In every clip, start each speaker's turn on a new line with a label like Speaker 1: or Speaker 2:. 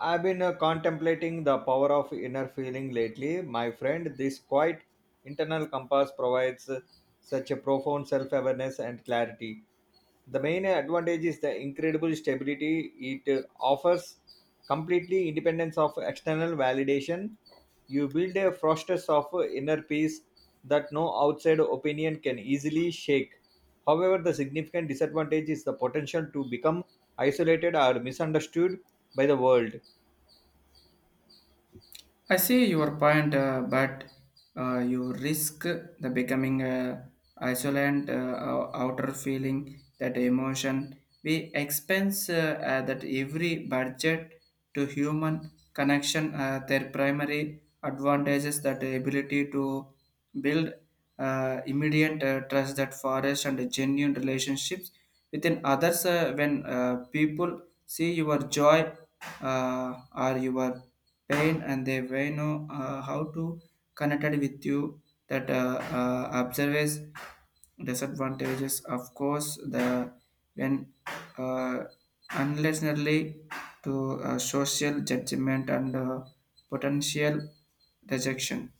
Speaker 1: I've been contemplating the power of inner feeling lately, my friend. This quiet internal compass provides such a profound self awareness and clarity. The main advantage is the incredible stability it offers, completely independence of external validation. You build a fortress of inner peace that no outside opinion can easily shake. However, the significant disadvantage is the potential to become isolated or misunderstood by the world.
Speaker 2: I see your point, but you risk the becoming isolant outer feeling that emotion. We expense that every budget to human connection. Their primary advantages that ability to build immediate trust that forest and genuine relationships within others when people see your joy or your pain and they may know how to connect with you that observes disadvantages of course the when uh, unlessly to social judgment and potential rejection.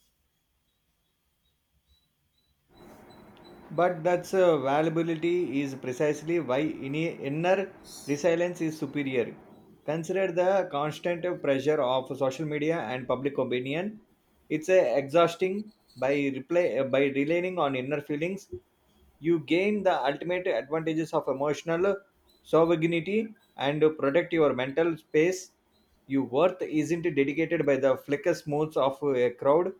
Speaker 1: But that's valuability is precisely why inner resilience is superior. Consider the constant pressure of social media and public opinion. It's exhausting by reply, by relying on inner feelings you gain the ultimate advantages of emotional sovereignty and protect your mental space. Your worth isn't dedicated by the flicker moods of a crowd.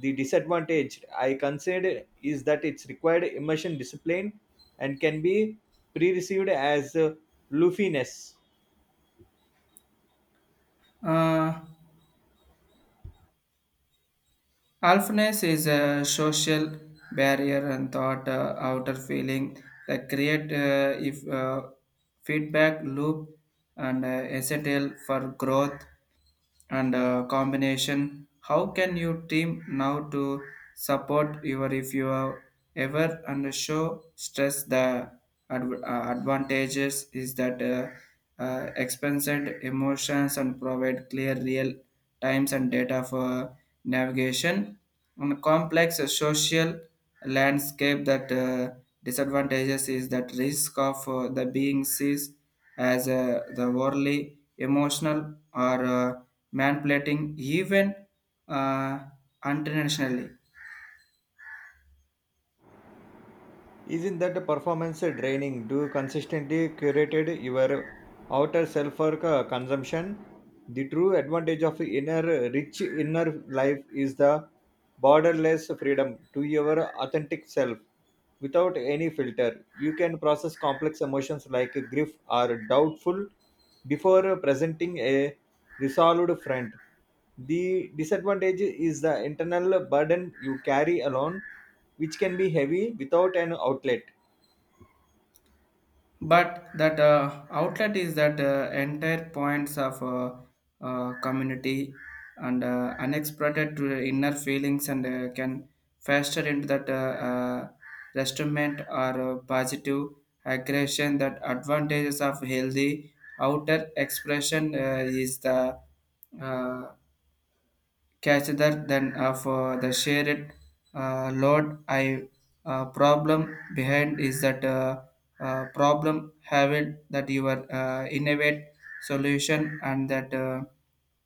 Speaker 1: The disadvantage I consider is that it's required immersion discipline and can be perceived as loofiness.
Speaker 2: uh, Alphaness is a social barrier and thought outer feeling that create if feedback loop and essential for growth and combination. How can your team now to support your if you are ever and show stress the advantages is that expensive emotions and provide clear real times and data for navigation on a complex social landscape that disadvantages is that risk of the being sees as the worldly emotional or manipulating even uh, internationally.
Speaker 1: Isn't that performance draining? Do you consistently curated your outer self for consumption? The true advantage of inner rich inner life is the borderless freedom to your authentic self without any filter. You can process complex emotions like grief or doubtful before presenting a resolved front. The disadvantage is the internal burden you carry alone which can be heavy without an outlet.
Speaker 2: But that outlet is that entire points of community and unexpected to the inner feelings and can faster into that restraint or positive aggression that advantages of healthy outer expression is the uh, catcher than of the shared load. I problem behind is that problem having that your innovate solution and that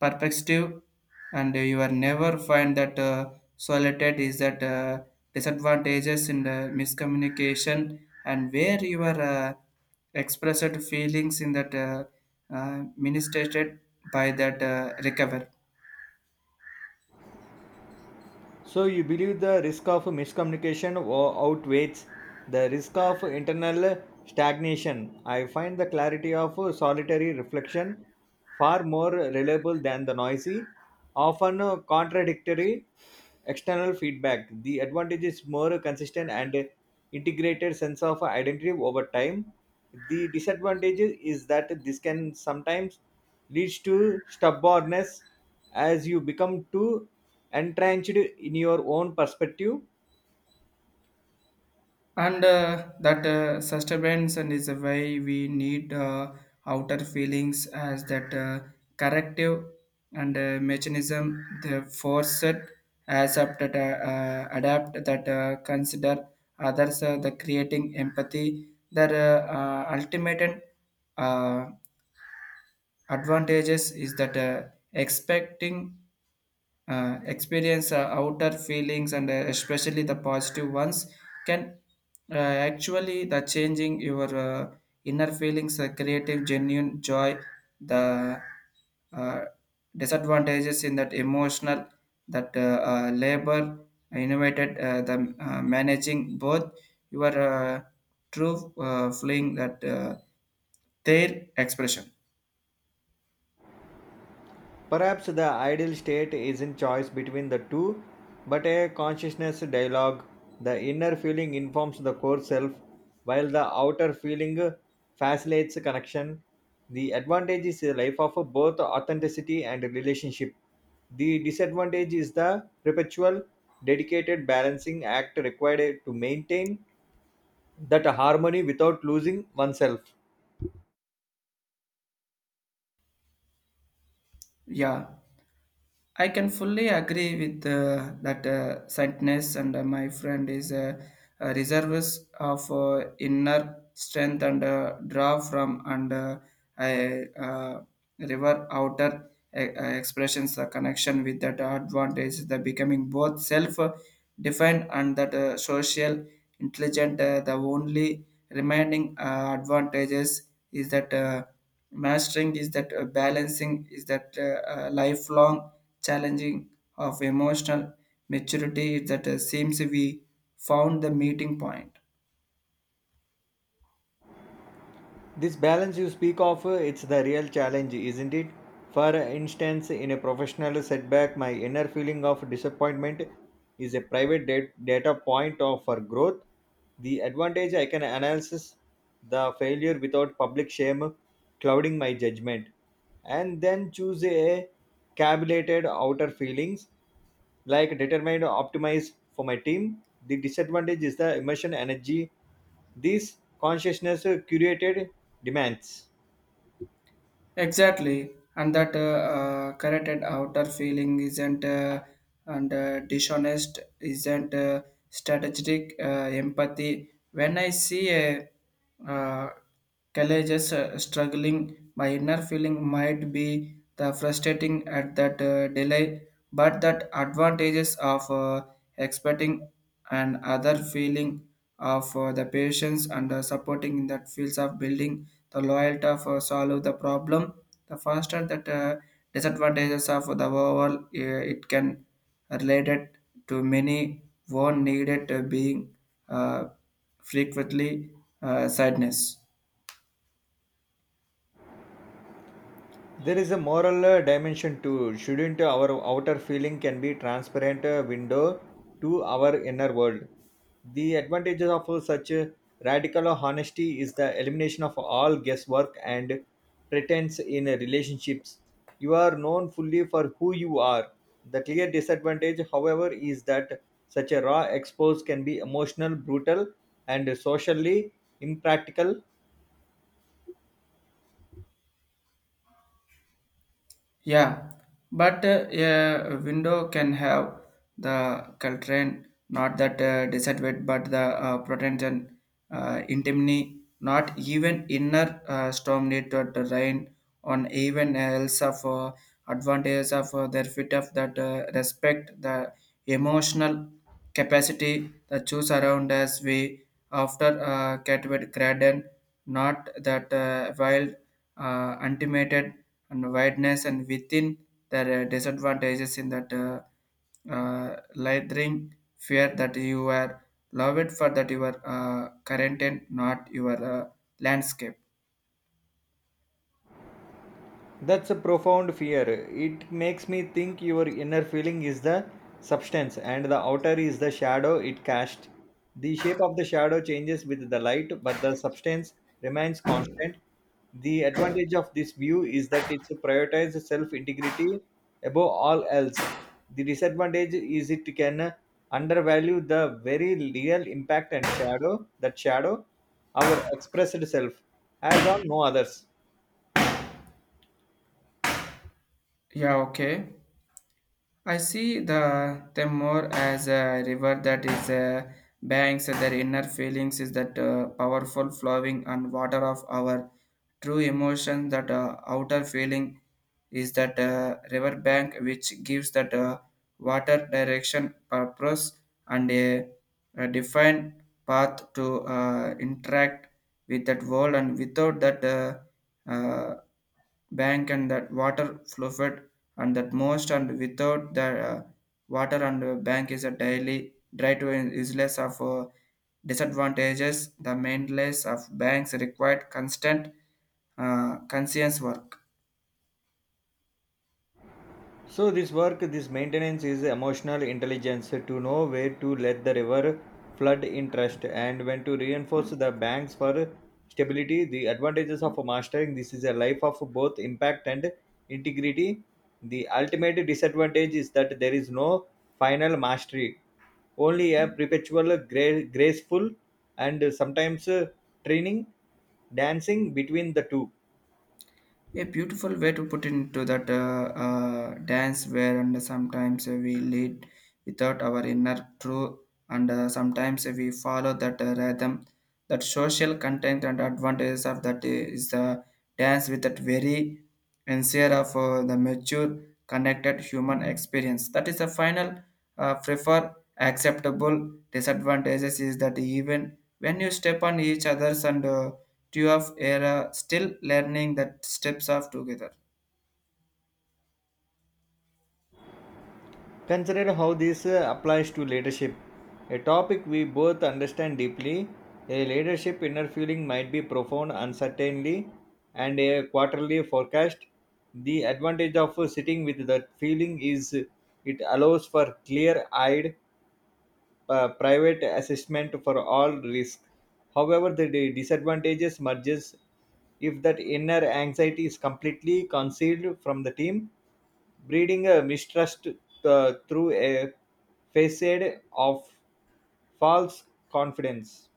Speaker 2: perspective and you are never find that solitude is that disadvantages in the miscommunication and where you are expressed feelings in that ministered by that recover.
Speaker 1: So you believe the risk of miscommunication outweighs the risk of internal stagnation. I find the clarity of solitary reflection far more reliable than the noisy, often contradictory external feedback. The advantage is more consistent and integrated sense of identity over time. The disadvantage is that this can sometimes leads to stubbornness as you become too entrenched in your own perspective.
Speaker 2: And that sustenance and is a way we need outer feelings as that corrective and mechanism the force it as up that adapt that consider others the creating empathy that ultimate uh, advantages is that expecting experience outer feelings and especially the positive ones can uh, actually the changing your inner feelings creative genuine joy the uh, disadvantages in that emotional that labor innovated the managing both your true feeling that their expression.
Speaker 1: Perhaps the ideal state isn't choice between the two, but a consciousness dialogue. The inner feeling informs the core self, while the outer feeling facilitates connection. The advantage is a life of both authenticity and relationship. The disadvantage is the perpetual, dedicated balancing act required to maintain that harmony without losing oneself.
Speaker 2: Yeah, I can fully agree with that sadness, and my friend is a reservist of inner strength and draw from and I, uh, river outer expressions the connection with that advantage the becoming both self defined and that social intelligent the only remaining advantages is that. Mastering is that balancing is that lifelong challenging of emotional maturity is that seems we found the meeting point.
Speaker 1: This balance you speak of, it's the real challenge, isn't it? For instance, in a professional setback, my inner feeling of disappointment is a private data point of, for growth. The advantage I can analyze the failure without public shame clouding my judgment, and then choose a calculated outer feelings like determined optimized for my team. The disadvantage is the emotion energy these consciousness curated demands.
Speaker 2: Exactly, and that corrected outer feeling isn't and dishonest isn't strategic empathy. When I see a uh, colleges struggling, my inner feeling might be the frustrating at that delay, but that advantages of expecting an other feeling of the patients and supporting in that fields of building the loyalty of solve the problem the faster that disadvantages of the overall it can related to many one needed being uh, frequently sadness.
Speaker 1: There is a moral dimension too shouldn't our outer feeling can be transparent window to our inner world. The advantages of such radical honesty is the elimination of all guesswork and pretense in relationships. You are known fully for who you are. The clear disadvantage however is that such a raw expose can be emotional brutal and socially impractical.
Speaker 2: Yeah, but a window can have the cultrain, not that disadvantage, but the protection, intimity, not even inner storm need to rain on even else of advantages of their fit of that respect the emotional capacity the choose around as we after Catwood Graden, not that wild, ultimated and wideness and within the disadvantages in that lathering fear that you are loved for that your current and not your landscape.
Speaker 1: That's a profound fear. It makes me think your inner feeling is the substance and the outer is the shadow it cast. The shape of the shadow changes with the light, but the substance remains constant. The advantage of this view is that it prioritizes self integrity above all else. The disadvantage is it can undervalue the very real impact and shadow that shadow, our expressed self, has on no others.
Speaker 2: Yeah, okay. I see the them more as a river that is banks and their inner feelings is that powerful flowing and water of our true emotion that outer feeling is that river bank which gives that water direction purpose and a defined path to interact with that world and without that uh, bank and that water fluid and that most and without the water and bank is a daily dry to is less of disadvantages the maintenance of banks required constant conscience work.
Speaker 1: So this work, this maintenance is emotional intelligence to know where to let the river flood in trust and when to reinforce the banks for stability. The advantages of mastering this is a life of both impact and integrity. The ultimate disadvantage is that there is no final mastery, only a perpetual graceful and sometimes training dancing between the two.
Speaker 2: A beautiful way to put into that dance where and sometimes we lead without our inner truth and sometimes we follow that rhythm that social content and advantages of that is the dance with that very sincere of the mature connected human experience that is the final prefer acceptable disadvantages is that even when you step on each other's and Two of era still learning that steps off together.
Speaker 1: Consider how this applies to leadership, a topic we both understand deeply. A leadership inner feeling might be profound uncertainly and a quarterly forecast. The advantage of sitting with that feeling is it allows for clear eyed private assessment for all risk. However, the disadvantages merges if that inner anxiety is completely concealed from the team, breeding a mistrust through a facade of false confidence.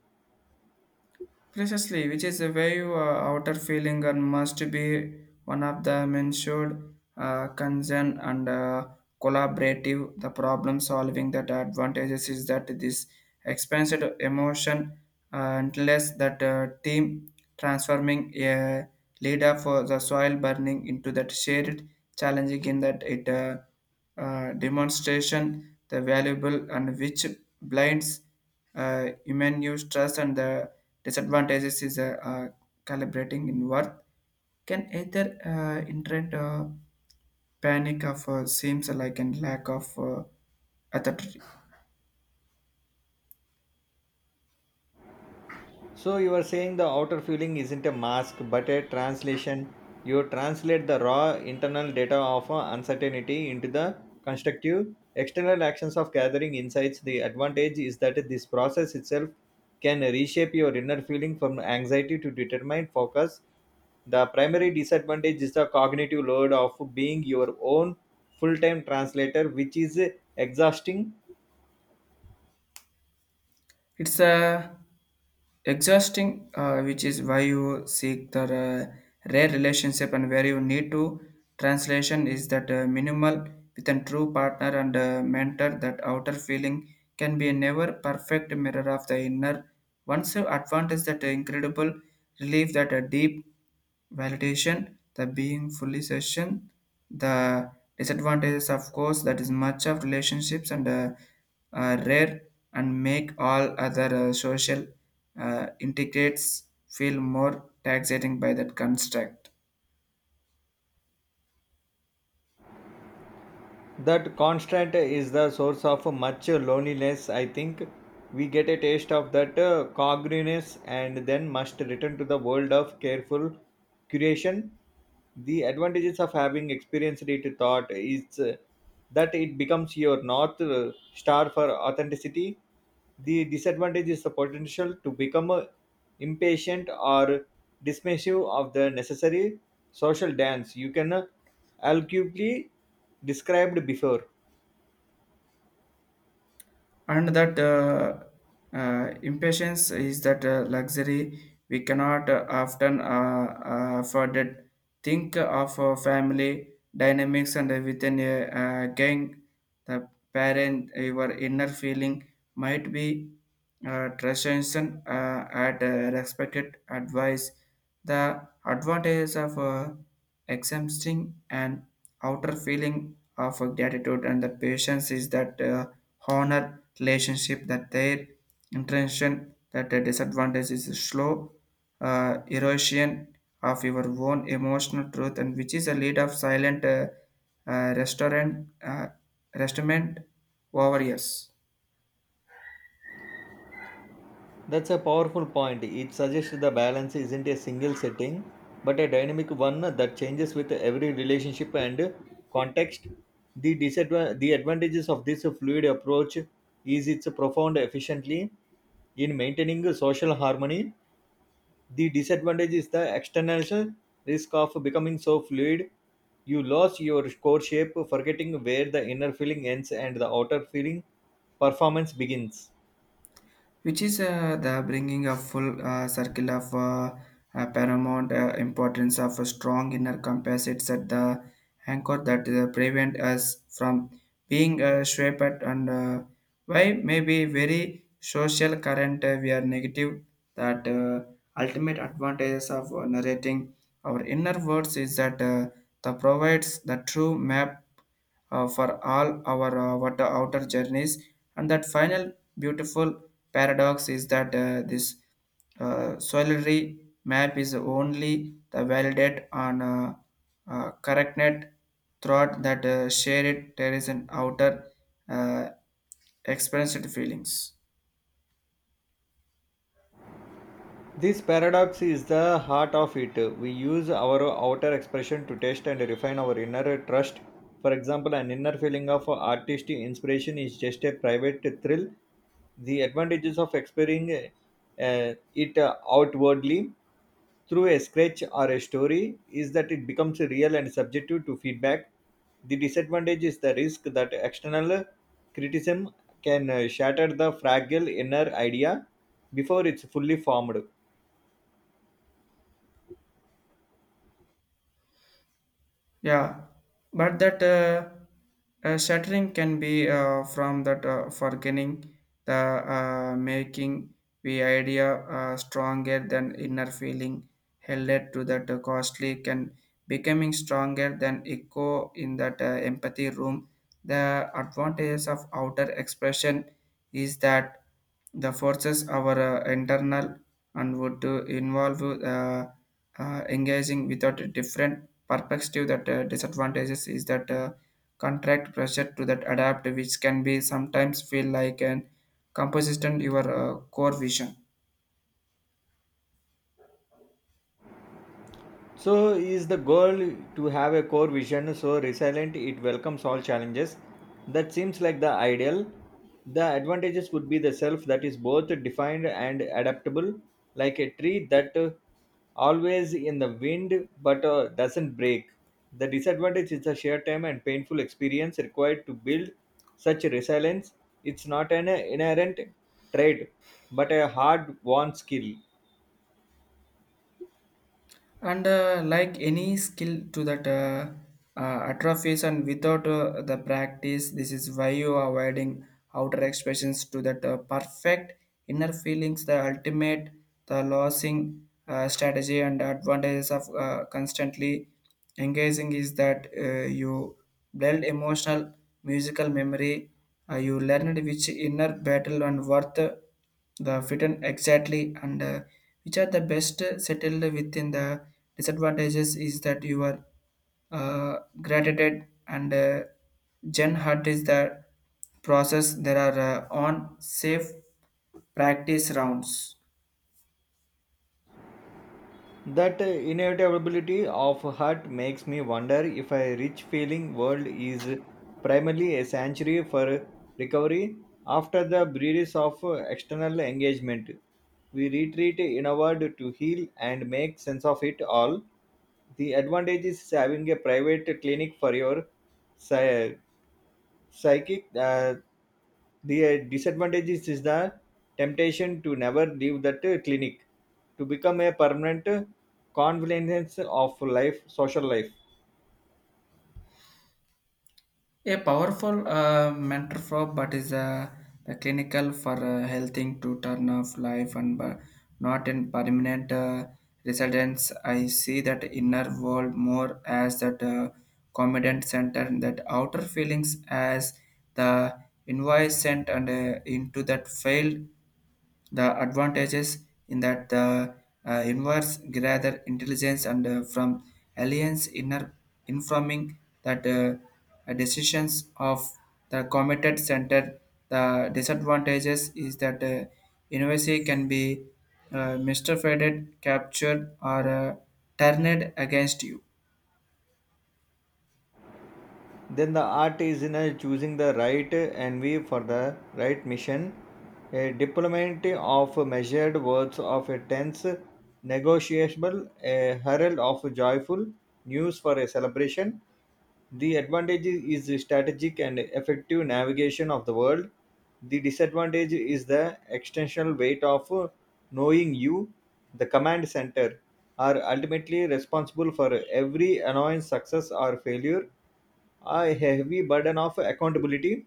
Speaker 2: Precisely, which is a very outer feeling and must be one of the mentioned concern and collaborative. The problem solving that advantages is that this expensive emotion unless that team transforming a leader for the soil burning into that shared challenging in that it demonstration the valuable and which blinds human use trust and the disadvantages is calibrating in worth can either interrupt panic of seems like and lack of authority.
Speaker 1: So you are saying the outer feeling isn't a mask but a translation. You translate the raw internal data of uncertainty into the constructive external actions of gathering insights. The advantage is that this process itself can reshape your inner feeling from anxiety to determined focus. The primary disadvantage is the cognitive load of being your own full time translator, which is exhausting.
Speaker 2: It's exhausting, which is why you seek the rare relationship and where you need to. Translation is that minimal with a true partner and mentor. That outer feeling can be a never perfect mirror of the inner. Once you advantage that incredible relief, that deep validation, the being fully session, the disadvantages of course that is much of relationships and rare and make all other social integrates feel more taxating by that construct.
Speaker 1: That constant is the source of much loneliness, I think. We get a taste of that congruence and then must return to the world of careful curation. The advantages of having experienced it thought is that it becomes your north star for authenticity. The disadvantage is the potential to become impatient or dismissive of the necessary social dance you can arguably described before.
Speaker 2: And that impatience is that luxury we cannot often afford it. Think of family dynamics and within a gang, the parent, your inner feeling might be transition at respected advice. The advantage of exempting an outer feeling of gratitude and the patience is that honor relationship that their intention that the disadvantage is a slow erosion of your own emotional truth and which is a lead of silent uh, restaurant uh, restaurant over years.
Speaker 1: That's a powerful point. It suggests the balance isn't a single setting, but a dynamic one that changes with every relationship and context. The disadvantages the advantages of this fluid approach is its profound efficiently in maintaining social harmony. The disadvantage is the external risk of becoming so fluid you lose your core shape, forgetting where the inner feeling ends and the outer feeling performance begins.
Speaker 2: Which is the bringing a full circle of paramount importance of a strong inner compass. It's at the anchor that prevent us from being shaped and why maybe very social current we are negative that ultimate advantages of narrating our inner words is that that provides the true map for all our water outer journeys. And that final beautiful paradox is that this solitary map is only the validate on correct net throughout that shared terrace and outer uh, experienced feelings.
Speaker 1: This paradox is the heart of it. We use our outer expression to test and refine our inner trust. For example, an inner feeling of artistic inspiration is just a private thrill. The advantages of expressing it outwardly through a sketch or a story is that it becomes real and subjective to feedback. The disadvantage is the risk that external criticism can shatter the fragile inner idea before it's fully formed.
Speaker 2: Yeah, but that shattering can be from that forgetting the making the idea stronger than inner feeling held it to that costly can becoming stronger than echo in that empathy room. The advantages of outer expression is that. The forces are internal and would involve engaging without a different perspective. That disadvantages is that contract pressure to that adapt, which can be sometimes feel like an composition your core vision.
Speaker 1: So is the goal to have a core vision so resilient it welcomes all challenges. That seems like the ideal. The advantages would be the self that is both defined and adaptable, like a tree that always in the wind but doesn't break. The disadvantage is the sheer time and painful experience required to build such resilience. It's not an inherent trait, but a hard-won skill.
Speaker 2: And like any skill to that atrophies and without the practice this is why you are avoiding outer expressions to that perfect inner feelings the ultimate the losing strategy and advantages of constantly engaging is that you build emotional musical memory you learned which inner battle and worth the fitten exactly and which are the best settled within the disadvantages is that you are gratitude and gen hut is the process there are on safe practice rounds.
Speaker 1: That inevitability of hurt makes me wonder if a rich feeling world is primarily a sanctuary for recovery after the breeze of external engagement. We retreat inward to heal and make sense of it all. The advantage is having a private clinic for your sire psychic the disadvantage is the temptation to never leave that clinic to become a permanent convenience of life social life.
Speaker 2: A powerful mentor for but is a, the clinical for helping to turn off life and not in permanent residence. I see that inner world more as that competent center and that outer feelings as the invoice sent and into that failed the advantages in that the inverse gather intelligence and from aliens inner informing that decisions of the committed center. The disadvantages is that innovacy can be misdirected, captured, or turned against you.
Speaker 1: Then the art is in choosing the right envy for the right mission, a deployment of measured words of a tense negotiable, a herald of joyful news for a celebration. The advantage is strategic and effective navigation of the world. The disadvantage is the extensional weight of knowing you the command center are ultimately responsible for every annoyance success or failure, a heavy burden of accountability.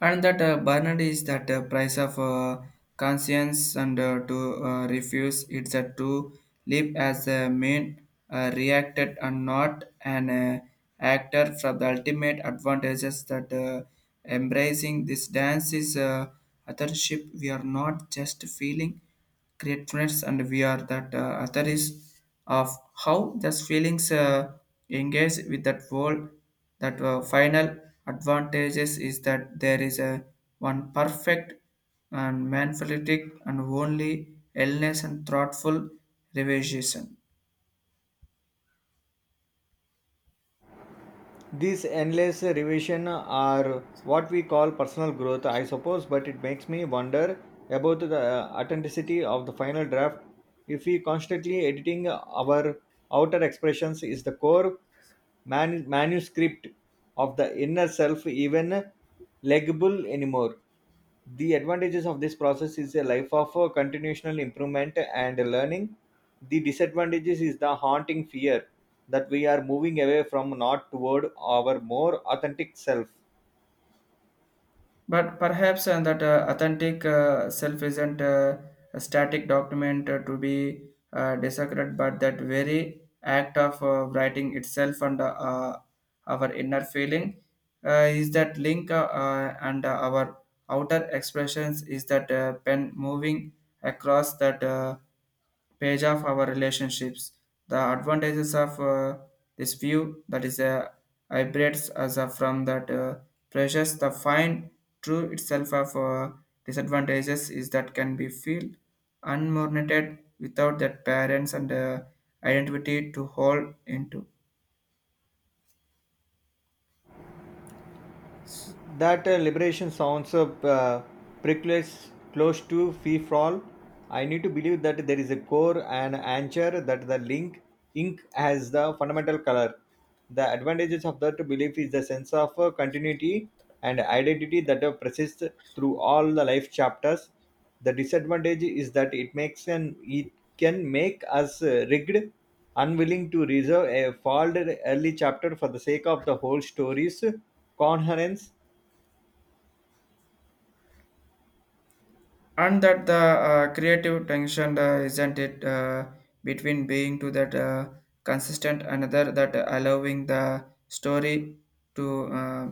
Speaker 2: And that Bernard is that price of conscience and to refuse it's a to live as a main reacted and not an actor from the ultimate advantages that embracing this dance is authorship, we are not just feeling gratefulness and we are that authorities of how those feelings engage with that world. That final advantages is that there is a one perfect and manipulative and only illness and thoughtful realization.
Speaker 1: These endless revision are what we call personal growth, I suppose, but it makes me wonder about the authenticity of the final draft. If we constantly editing our outer expressions is the core manuscript of the inner self even legible anymore. The advantages of this process is a life of continual improvement and learning. The disadvantages is the haunting fear that we are moving away from not toward our more authentic self.
Speaker 2: But perhaps that authentic self isn't a static document to be dissected, but that very act of writing itself and our inner feeling is that link and our outer expressions is that pen moving across that page of our relationships. The advantages of this view that is a hybrids as a from that pressures the fine true itself of disadvantages is that can be feel unmornated without that parents and identity to hold into.
Speaker 1: That liberation sounds precise close to free fall. I need to believe that there is a core and anchor that the link ink has the fundamental color. The advantages of that belief is the sense of continuity and identity that persists through all the life chapters. The disadvantage is that it makes an it can make us rigged, unwilling to reserve a folded early chapter for the sake of the whole story's coherence.
Speaker 2: And that the creative tension isn't it between being to that consistent another that allowing the story to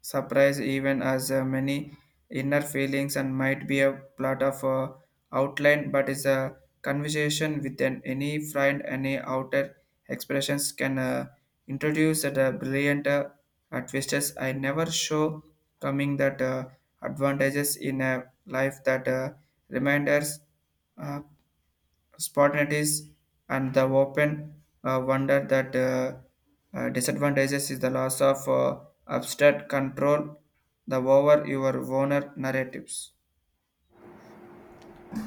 Speaker 2: surprise even as many inner feelings and might be a plot of outline, but is a conversation with an, any friend any outer expressions can introduced at a brilliant twisters I never show coming. That advantages in a life that reminders uh, spontaneities and the open wonder that disadvantages is the loss of abstract control the over your owner narratives.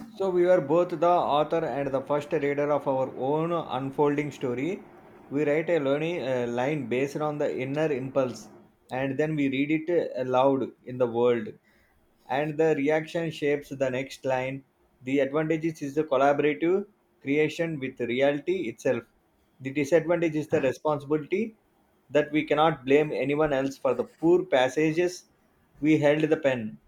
Speaker 1: So we were both the author and the first reader of our own unfolding story. We write a learning line based on the inner impulse, and then we read it aloud in the world. And the reaction shapes the next line. The advantages is the collaborative creation with reality itself. The disadvantage is the responsibility that we cannot blame anyone else for the poor passages we held the pen.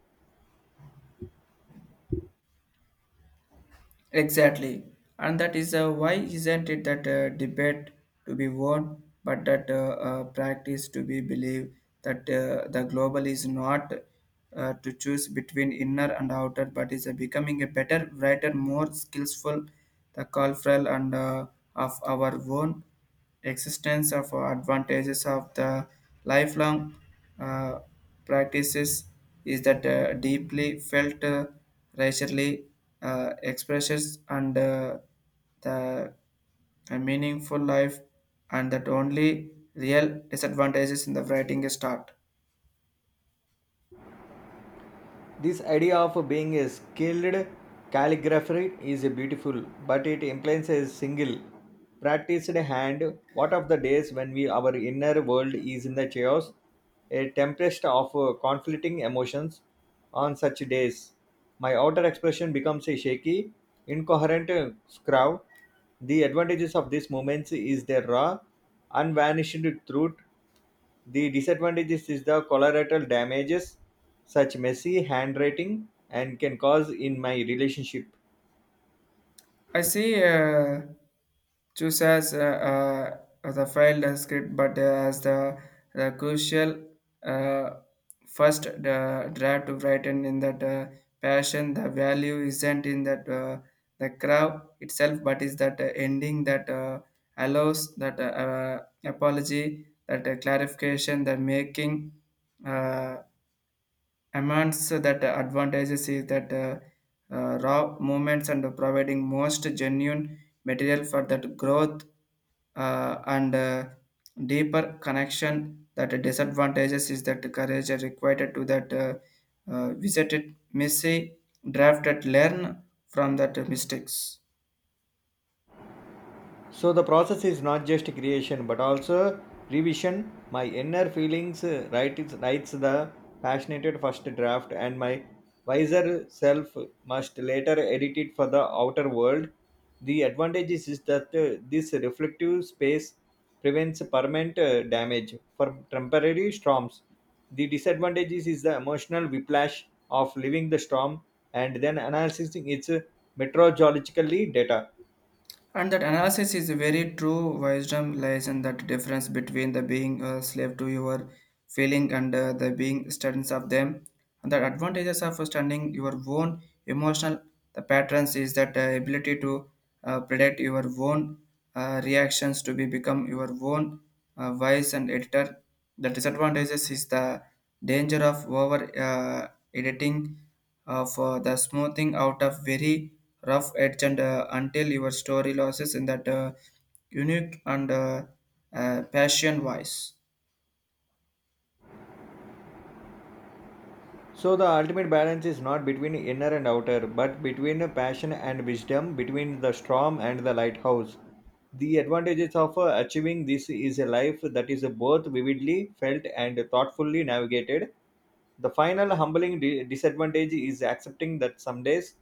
Speaker 2: Exactly, and that is why isn't it that debate to be won, but that practice to be believed that the global is not to choose between inner and outer, but is becoming a better, brighter, more skillful, the cultural and of our own existence of advantages of the lifelong uh, practices is that deeply felt racially expressions and the a meaningful life, and that only real disadvantages in the writing start.
Speaker 1: This idea of being a skilled calligrapher is beautiful, but it implies a single, practiced hand. What of the days when we, our inner world is in the chaos, a tempest of conflicting emotions? On such days, my outer expression becomes a shaky, incoherent scrawl. The advantages of these moments is their raw, unvarnished truth. The disadvantages is the collateral damages, such messy handwriting, and can cause in my relationship.
Speaker 2: I see choose as the file script, but as the crucial uh, first the draft to written in that passion. The value isn't in that the crowd itself, but is that ending that allows that apology, that clarification, the making. Uh, Amongst that advantages is that raw movements and providing most genuine material for that growth and deeper connection that disadvantages is that courage are required to that visit it messy draft that learn from that mistakes.
Speaker 1: So the process is not just creation but also revision. My inner feelings writes the passionate first draft, and my wiser self must later edit it for the outer world. The advantage is that this reflective space prevents permanent damage for temporary storms. The disadvantage is the emotional whiplash of living the storm and then analyzing its meteorologically data.
Speaker 2: And that analysis is very true. Wisdom lies in that difference between the being a slave to your feeling and the being students of them. And the advantages of understanding your own emotional the patterns is that ability to predict your own reactions to be become your own voice and editor. The disadvantages is the danger of over editing of the smoothing out of very rough edge and until your story loses in that unique and passion voice.
Speaker 1: So the ultimate balance is not between inner and outer, but between passion and wisdom, between the storm and the lighthouse. The advantages of achieving this is a life that is both vividly felt and thoughtfully navigated. The final humbling disadvantage is accepting that some days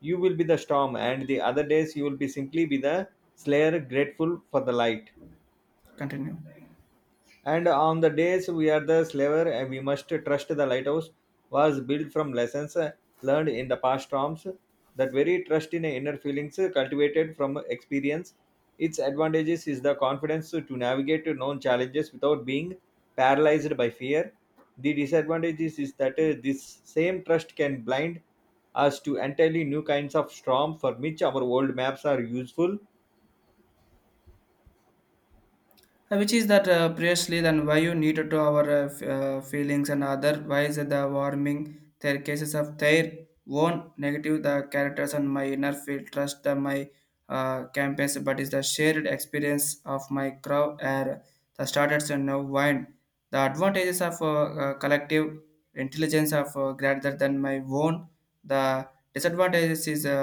Speaker 1: you will be the storm and the other days you will be simply be the slayer grateful for the light.
Speaker 2: Continue.
Speaker 1: And on the days we are the slaver and we must trust the lighthouse was built from lessons learned in the past storms. That very trust in inner feelings cultivated from experience its advantages is the confidence to navigate known challenges without being paralyzed by fear. The disadvantages is that this same trust can blind us to entirely new kinds of storm for which our old maps are useful.
Speaker 2: Which is that previously then why you need to our feelings and other why the warming their cases of their own negative the characters and my inner field trust the my campus, but is the shared experience of my crowd are the starters and now wine the advantages of collective intelligence of greater than my own. The disadvantages is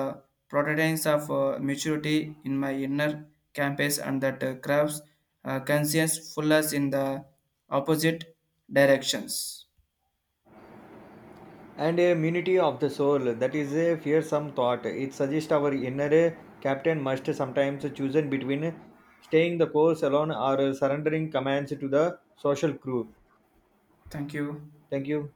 Speaker 2: prototypes of maturity in my inner campus and that crafts conscience fullness in the opposite directions.
Speaker 1: And a unity of the soul that is a fearsome thought. It suggests our inner captain must sometimes choose between staying the course alone or surrendering commands to the social crew.
Speaker 2: Thank you.
Speaker 1: Thank you.